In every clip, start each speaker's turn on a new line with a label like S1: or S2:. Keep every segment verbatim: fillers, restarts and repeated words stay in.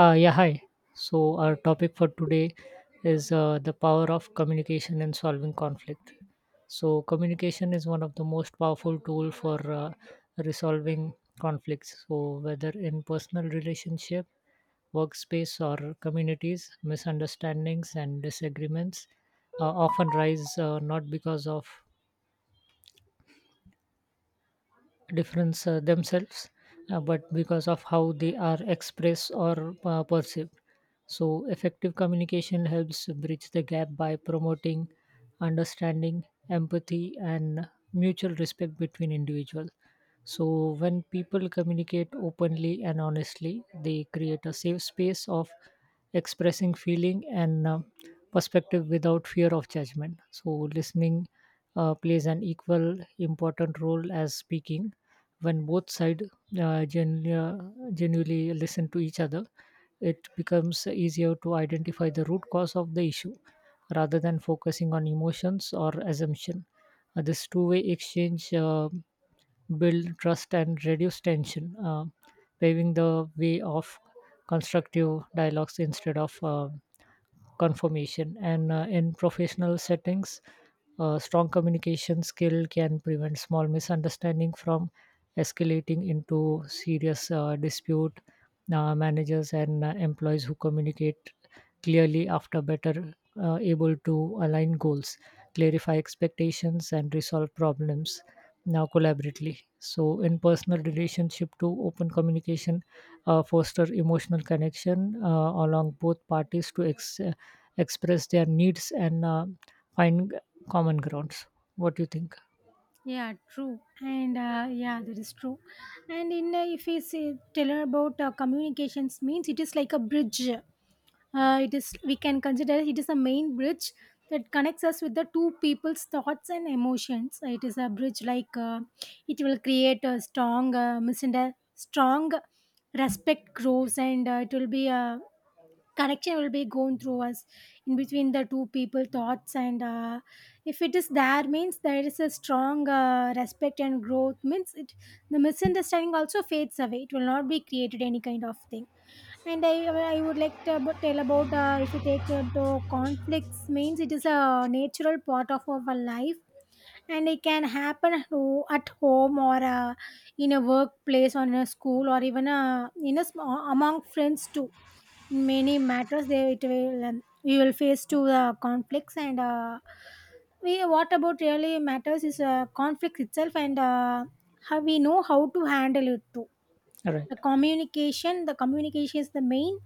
S1: Uh, yeah, hi. So, our topic for today is uh, the power of communication in solving conflict. So, communication is one of the most powerful tool for uh, resolving conflicts. So, whether in personal relationship, workspace, or communities, misunderstandings and disagreements uh, often rise uh, not because of difference uh, themselves, uh, but because of how they are expressed or uh, perceived. So, effective communication helps bridge the gap by promoting understanding, empathy, and mutual respect between individuals. So, when people communicate openly and honestly, they create a safe space of expressing feeling and uh, perspective without fear of judgment. So, listening uh, plays an equal important role as speaking when both sides uh, genu- uh, genuinely listen to each other, it becomes easier to identify the root cause of the issue rather than focusing on emotions or assumption. Uh, this two-way exchange uh, build trust and reduce tension, uh, paving the way of constructive dialogues instead of uh, confirmation. And uh, in professional settings, a strong communication skill can prevent small misunderstanding from escalating into serious uh, dispute. Uh, managers and uh, employees who communicate clearly after better uh, able to align goals, clarify expectations, and resolve problems now collaboratively. So, in personal relationship to open communication, uh, foster emotional connection uh, along both parties to ex- uh, express their needs and uh, find common grounds. What do you think?
S2: Yeah, true. And uh, yeah, that is true. And in uh, if we say tell her about uh, communications means it is like a bridge. Uh, it is we can consider it is a main bridge that connects us with the two people's thoughts and emotions. It is a bridge like uh, it will create a strong uh, misunderstanding, strong respect grows, and uh, it will be a connection will be going through us in between the two people thoughts and uh, if it is there means there is a strong uh, respect and growth means it the misunderstanding also fades away. It will not be created any kind of thing. And i i would like to ab- tell about uh, if you take into conflicts means it is a natural part of our life, and it can happen at ho- at home or uh, in a workplace or in a school, or even uh, in a small, among friends too. In many matters they it will um, we will face to the conflicts, and uh, we what about really matters is uh, conflict itself, and uh, how we know how to handle it too.
S1: All right.
S2: The communication the communication is the main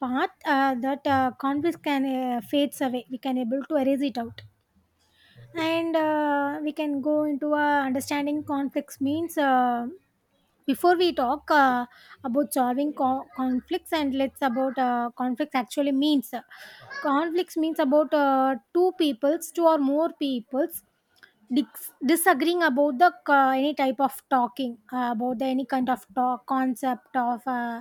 S2: part uh, that uh, conflict can uh, fades away. We can able to erase it out, and uh, we can go into uh, understanding conflicts means uh, before we talk uh, about solving co- conflicts, and let's about uh, conflicts actually means uh, conflicts means about uh, two peoples, two or more peoples dis- disagreeing about the uh, any type of talking uh, about the any kind of talk concept of uh,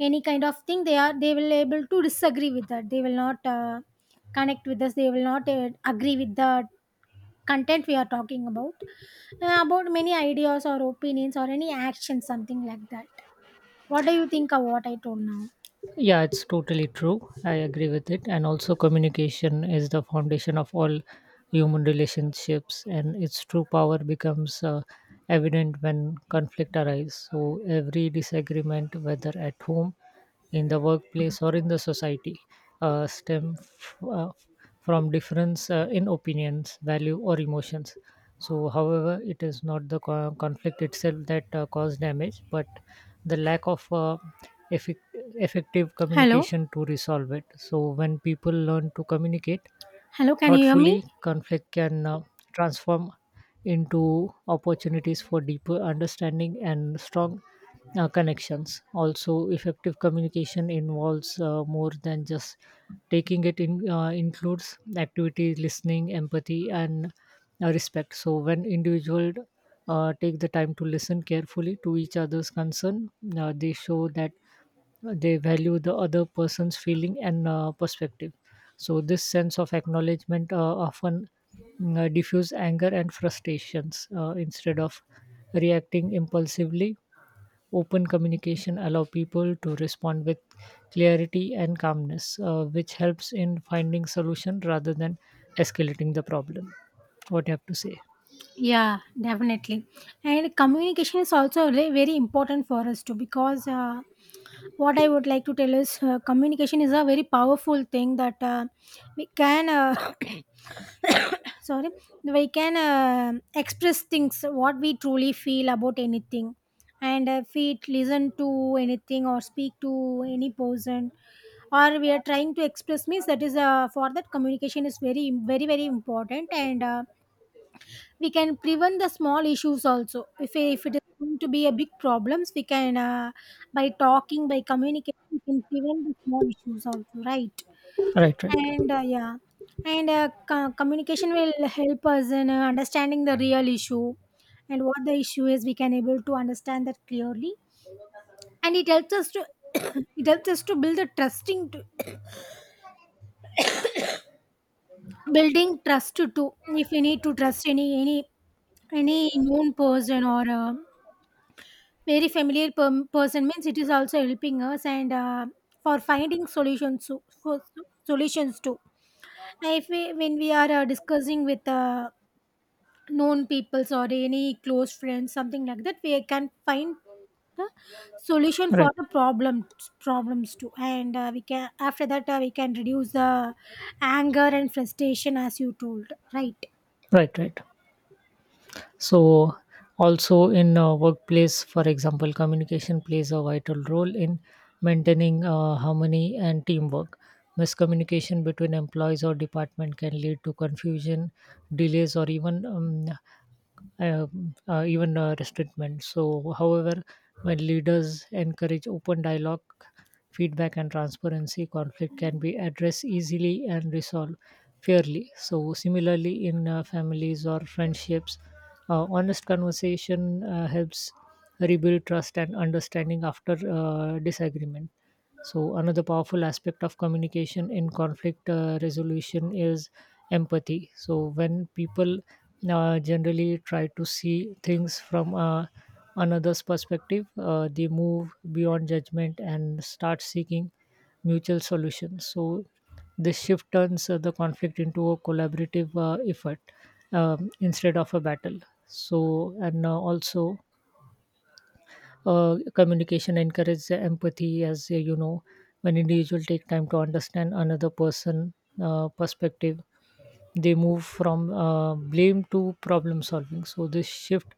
S2: any kind of thing. They are they will able to disagree with that. They will not uh, connect with us. They will not uh, agree with that content we are talking about, uh, about many ideas or opinions or any action, something like that. What do you think of what I told now?
S1: Yeah, it's totally true. I agree with it. And also, communication is the foundation of all human relationships, and its true power becomes uh, evident when conflict arises. So, every disagreement, whether at home, in the workplace, or in the society, uh, stem f- uh, from difference uh, in opinions, value, or emotions. So, however, it is not the co- conflict itself that uh, cause damage, but the lack of uh, effect- effective
S2: Hello.
S1: communication to resolve it. So, when people learn to communicate
S2: Hello, can you hear me?
S1: thoughtfully, conflict can uh, transform into opportunities for deeper understanding and strong uh, connections. Also, effective communication involves uh, more than just taking it in, uh, includes activity listening empathy and uh, respect. So, when individuals uh, take the time to listen carefully to each other's concern, uh, they show that they value the other person's feeling and uh, perspective. So, this sense of acknowledgement uh, often mm, uh, diffuse anger and frustrations, uh, instead of reacting impulsively, open communication allow people to respond with clarity and calmness, uh, which helps in finding solution rather than escalating the problem. What do you have to say?
S2: Yeah, definitely. And communication is also re- very important for us too, because uh, what I would like to tell is uh, communication is a very powerful thing that uh, we can uh, sorry, we can uh, express things what we truly feel about anything. And if we listen to anything or speak to any person or we are trying to express means that is uh, for that communication is very, very, very important. And uh, we can prevent the small issues also. if, if it is going to be a big problems, we can uh, by talking, by communicating, we can prevent the small issues also, right?
S1: Right. Right.
S2: And uh, yeah, and uh, co- communication will help us in uh, understanding the real issue. And what the issue is we can able to understand that clearly. And it helps us to it helps us to build a trusting to, building trust to to if we need to trust any, any any known person, or uh, very familiar per- person means it is also helping us. And uh, for finding solutions to, for solutions too. Now, if we when we are uh, discussing with uh, known peoples or any close friends, something like that, we can find the solution for
S1: Right.
S2: the problems problems too. And uh, we can after that uh, we can reduce the anger and frustration, as you told, right?
S1: Right. Right. So, also in uh, workplace, for example, communication plays a vital role in maintaining uh, harmony and teamwork. Miscommunication between employees or department can lead to confusion, delays, or even um, um, uh, even uh, restraintment. So, however, when leaders encourage open dialogue, feedback, and transparency, conflict can be addressed easily and resolved fairly. So, similarly, in uh, families or friendships, uh, honest conversation uh, helps rebuild trust and understanding after uh, disagreement. So, another powerful aspect of communication in conflict uh, resolution is empathy. So, when people uh, generally try to see things from uh, another's perspective, uh, they move beyond judgment and start seeking mutual solutions. So, this shift turns uh, the conflict into a collaborative uh, effort um, instead of a battle. So, and uh, also, uh, communication encourages empathy, as uh, you know, when individuals take time to understand another person uh, perspective. They move from uh, blame to problem solving. So, this shift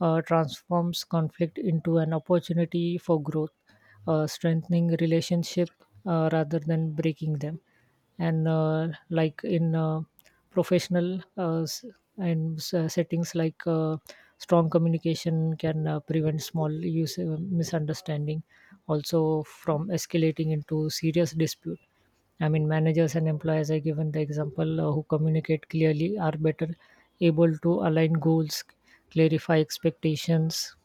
S1: uh, transforms conflict into an opportunity for growth, uh, strengthening relationship uh, rather than breaking them. And uh, like in uh, professional uh, s- and s- uh, settings, like, uh, strong communication can uh, prevent small use uh, misunderstanding also from escalating into serious dispute. I mean, managers and employees, I given the example, uh, who communicate clearly are better able to align goals, clarify expectations,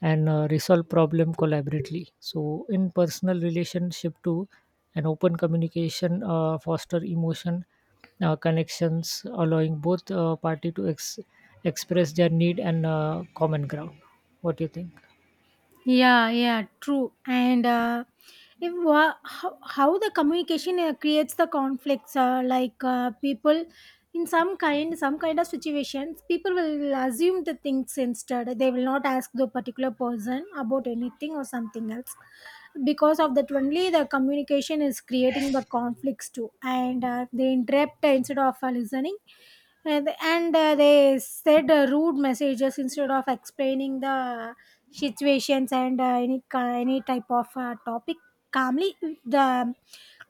S1: and uh, resolve problem collaboratively. So, in personal relationship too, and open communication uh, foster emotion uh, connections, allowing both uh, party to ex- express their need and uh, common ground. What do you think?
S2: Yeah, yeah, true. And uh, if wha- how, how the communication uh, creates the conflicts, uh, like uh, people in some kind, some kind of situations, people will assume the things instead. They will not ask the particular person about anything or something else. Because of that, only the communication is creating the conflicts too, and uh, they interrupt instead of uh, listening. And and, uh, they said uh, rude messages instead of explaining the situations and uh, any ki- any type of uh, topic calmly, the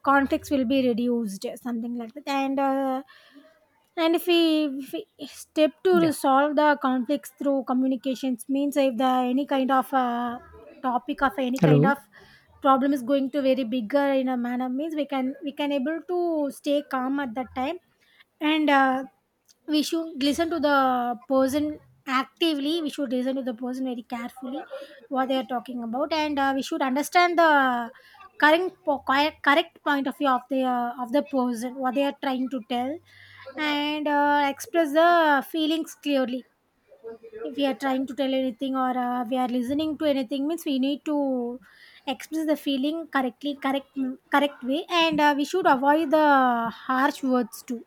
S2: conflicts will be reduced, something like that. And uh, and if we, if we step to
S1: Yeah.
S2: resolve the conflicts through communications means if the any kind of uh, topic of any kind
S1: Hello.
S2: of problem is going to very bigger in a manner means we can, we can able to stay calm at that time. And uh, we should listen to the person actively. We should listen to the person very carefully what they are talking about. And uh, we should understand the current po- correct, correct point of view of the uh, of the person what they are trying to tell. And uh, express the feelings clearly. If we are trying to tell anything or uh, we are listening to anything means we need to express the feeling correctly, correct, correct way. And uh, we should avoid the harsh words too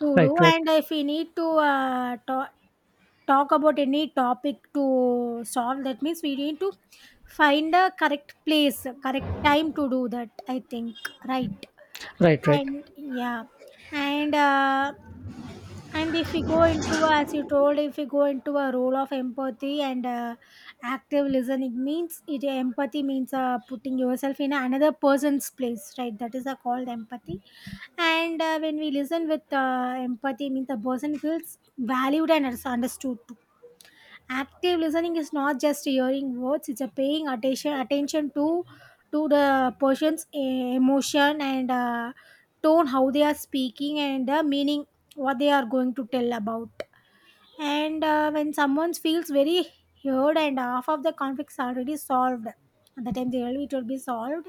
S2: to do.
S1: Right. Right.
S2: And if we need to uh, ta- talk about any topic to solve, that means we need to find a correct place, correct time to do that. I think, right?
S1: Right. Right.
S2: And yeah, and uh, and if we go into a, as you told, if we go into a role of empathy and uh, active listening means it empathy means uh, putting yourself in another person's place, right? That is uh, called empathy. And uh, when we listen with uh, empathy, means the person feels valued and is understood too. Active listening is not just hearing words; it's a paying attention attention to to the person's eh, emotion and uh, tone, how they are speaking, and the meaning what they are going to tell about. And uh, when someone feels very heard, and half of the conflicts already solved at the time they will, it will be solved.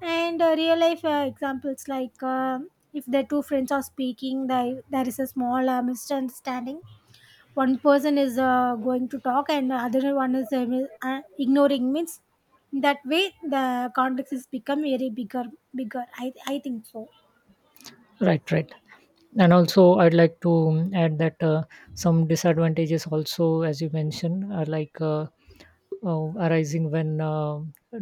S2: And uh, real life uh, examples like um, if the two friends are speaking, they, there is a small uh, misunderstanding, one person is uh, going to talk and the other one is uh, mi- uh, ignoring means that way the conflicts is become very bigger, bigger, i i think so.
S1: Right. Right. And also, I'd like to um, add that uh, some disadvantages also, as you mentioned, are like, uh, uh, arising when uh,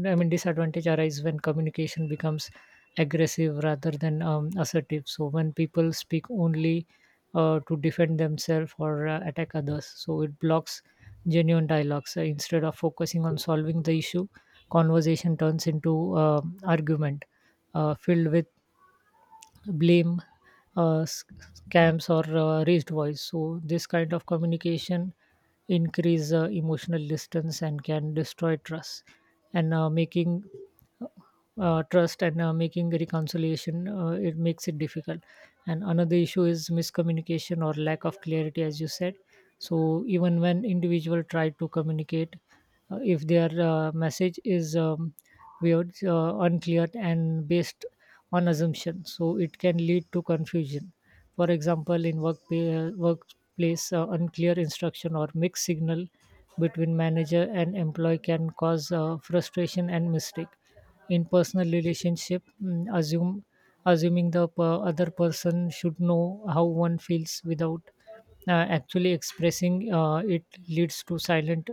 S1: I mean, disadvantage arise when communication becomes aggressive rather than um, assertive. So, when people speak only uh, to defend themselves or uh, attack others, so it blocks genuine dialogues. Uh, instead of focusing on solving the issue, conversation turns into um argument uh, filled with blame, uh, s- scams, or uh, raised voice. So, this kind of communication increase uh, emotional distance and can destroy trust and uh, making uh, uh, trust and uh, making reconciliation, uh, it makes it difficult. And another issue is miscommunication or lack of clarity, as you said. So, even when individual try to communicate, uh, if their uh, message is um, weird, uh, unclear, and based on assumption, so it can lead to confusion. For example, in work workplace, uh, unclear instruction or mixed signal between manager and employee can cause uh, frustration and mistake. In personal relationship, mm, assume assuming the per- other person should know how one feels without uh, actually expressing uh, it leads to silent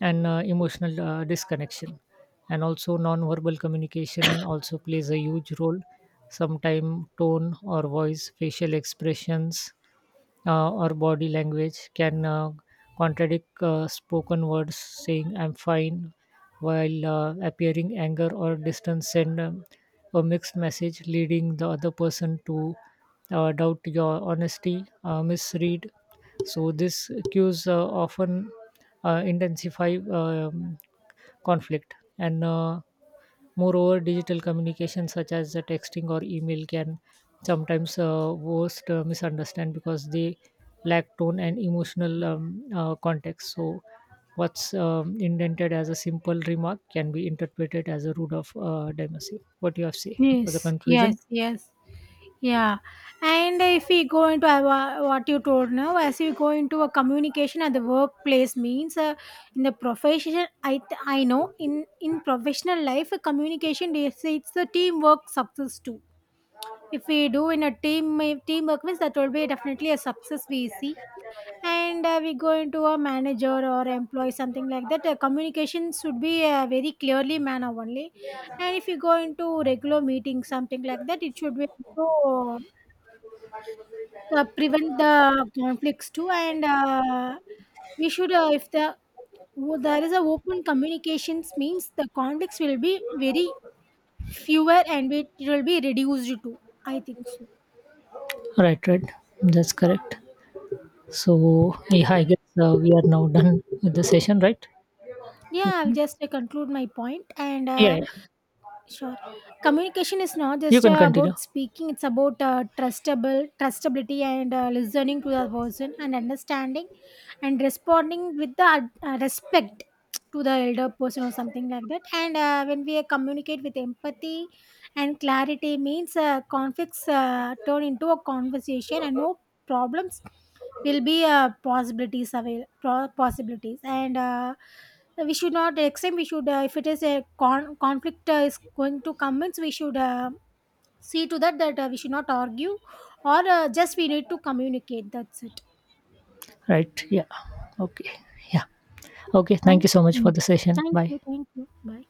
S1: and uh, emotional uh, disconnection. And also, non-verbal communication also plays a huge role. Sometimes tone or voice, facial expressions, uh, or body language can uh, contradict uh, spoken words, saying "I'm fine" while uh, appearing anger or distance, send um, a mixed message, leading the other person to uh, doubt your honesty, uh, misread. So, these cues uh, often uh, intensify um, conflict and. Uh, Moreover, digital communication such as the texting or email can sometimes uh, worst uh, misunderstand because they lack tone and emotional um, uh, context. So, what's um, indented as a simple remark can be interpreted as a rude of uh, demagogy. What do you have to say for the
S2: Yes,
S1: conclusion?
S2: yes, yes. Yeah, and if we go into uh, wha- what you told now, as we go into a communication at the workplace means uh, in the profession, I th- I know in in professional life, uh, communication is it's the teamwork success too. If we do in a team uh, teamwork means that will be definitely a success we see. And uh, we go into a manager or employee, something like that. Uh, communication should be uh, very clearly manner only. And if you go into regular meetings, something like that, it should be so uh, prevent the conflicts too. And uh, we should uh, if the wo- there is a open communications means the conflicts will be very fewer, and it will be reduced too, I think so.
S1: Right, right. That's correct. So, yeah, I guess uh, we are now done with the session, right?
S2: Yeah, I'll
S1: fifteen?
S2: just uh, conclude my point point. And
S1: Yeah,
S2: uh,
S1: yeah.
S2: sure, communication is not
S1: You
S2: just
S1: can
S2: uh,
S1: continue.
S2: about speaking. It's about uh, trustable, trustability, and uh, listening to the person and understanding and responding with the ad- uh, respect to the elder person or something like that. And uh, when we communicate with empathy and clarity means uh, conflicts uh, turn into a conversation, and no problems will be uh, possibilities, avail- pro- possibilities. And uh, we should not extend, we should uh, if it is a con- conflict uh, is going to come means we should uh, see to that, that uh, we should not argue, or uh, just we need to communicate, that's it.
S1: Right. Yeah. Okay. Yeah. Okay, thank
S2: Thank
S1: you so much for
S2: you.
S1: the session.
S2: Thank
S1: Bye.
S2: you. Thank you. Bye.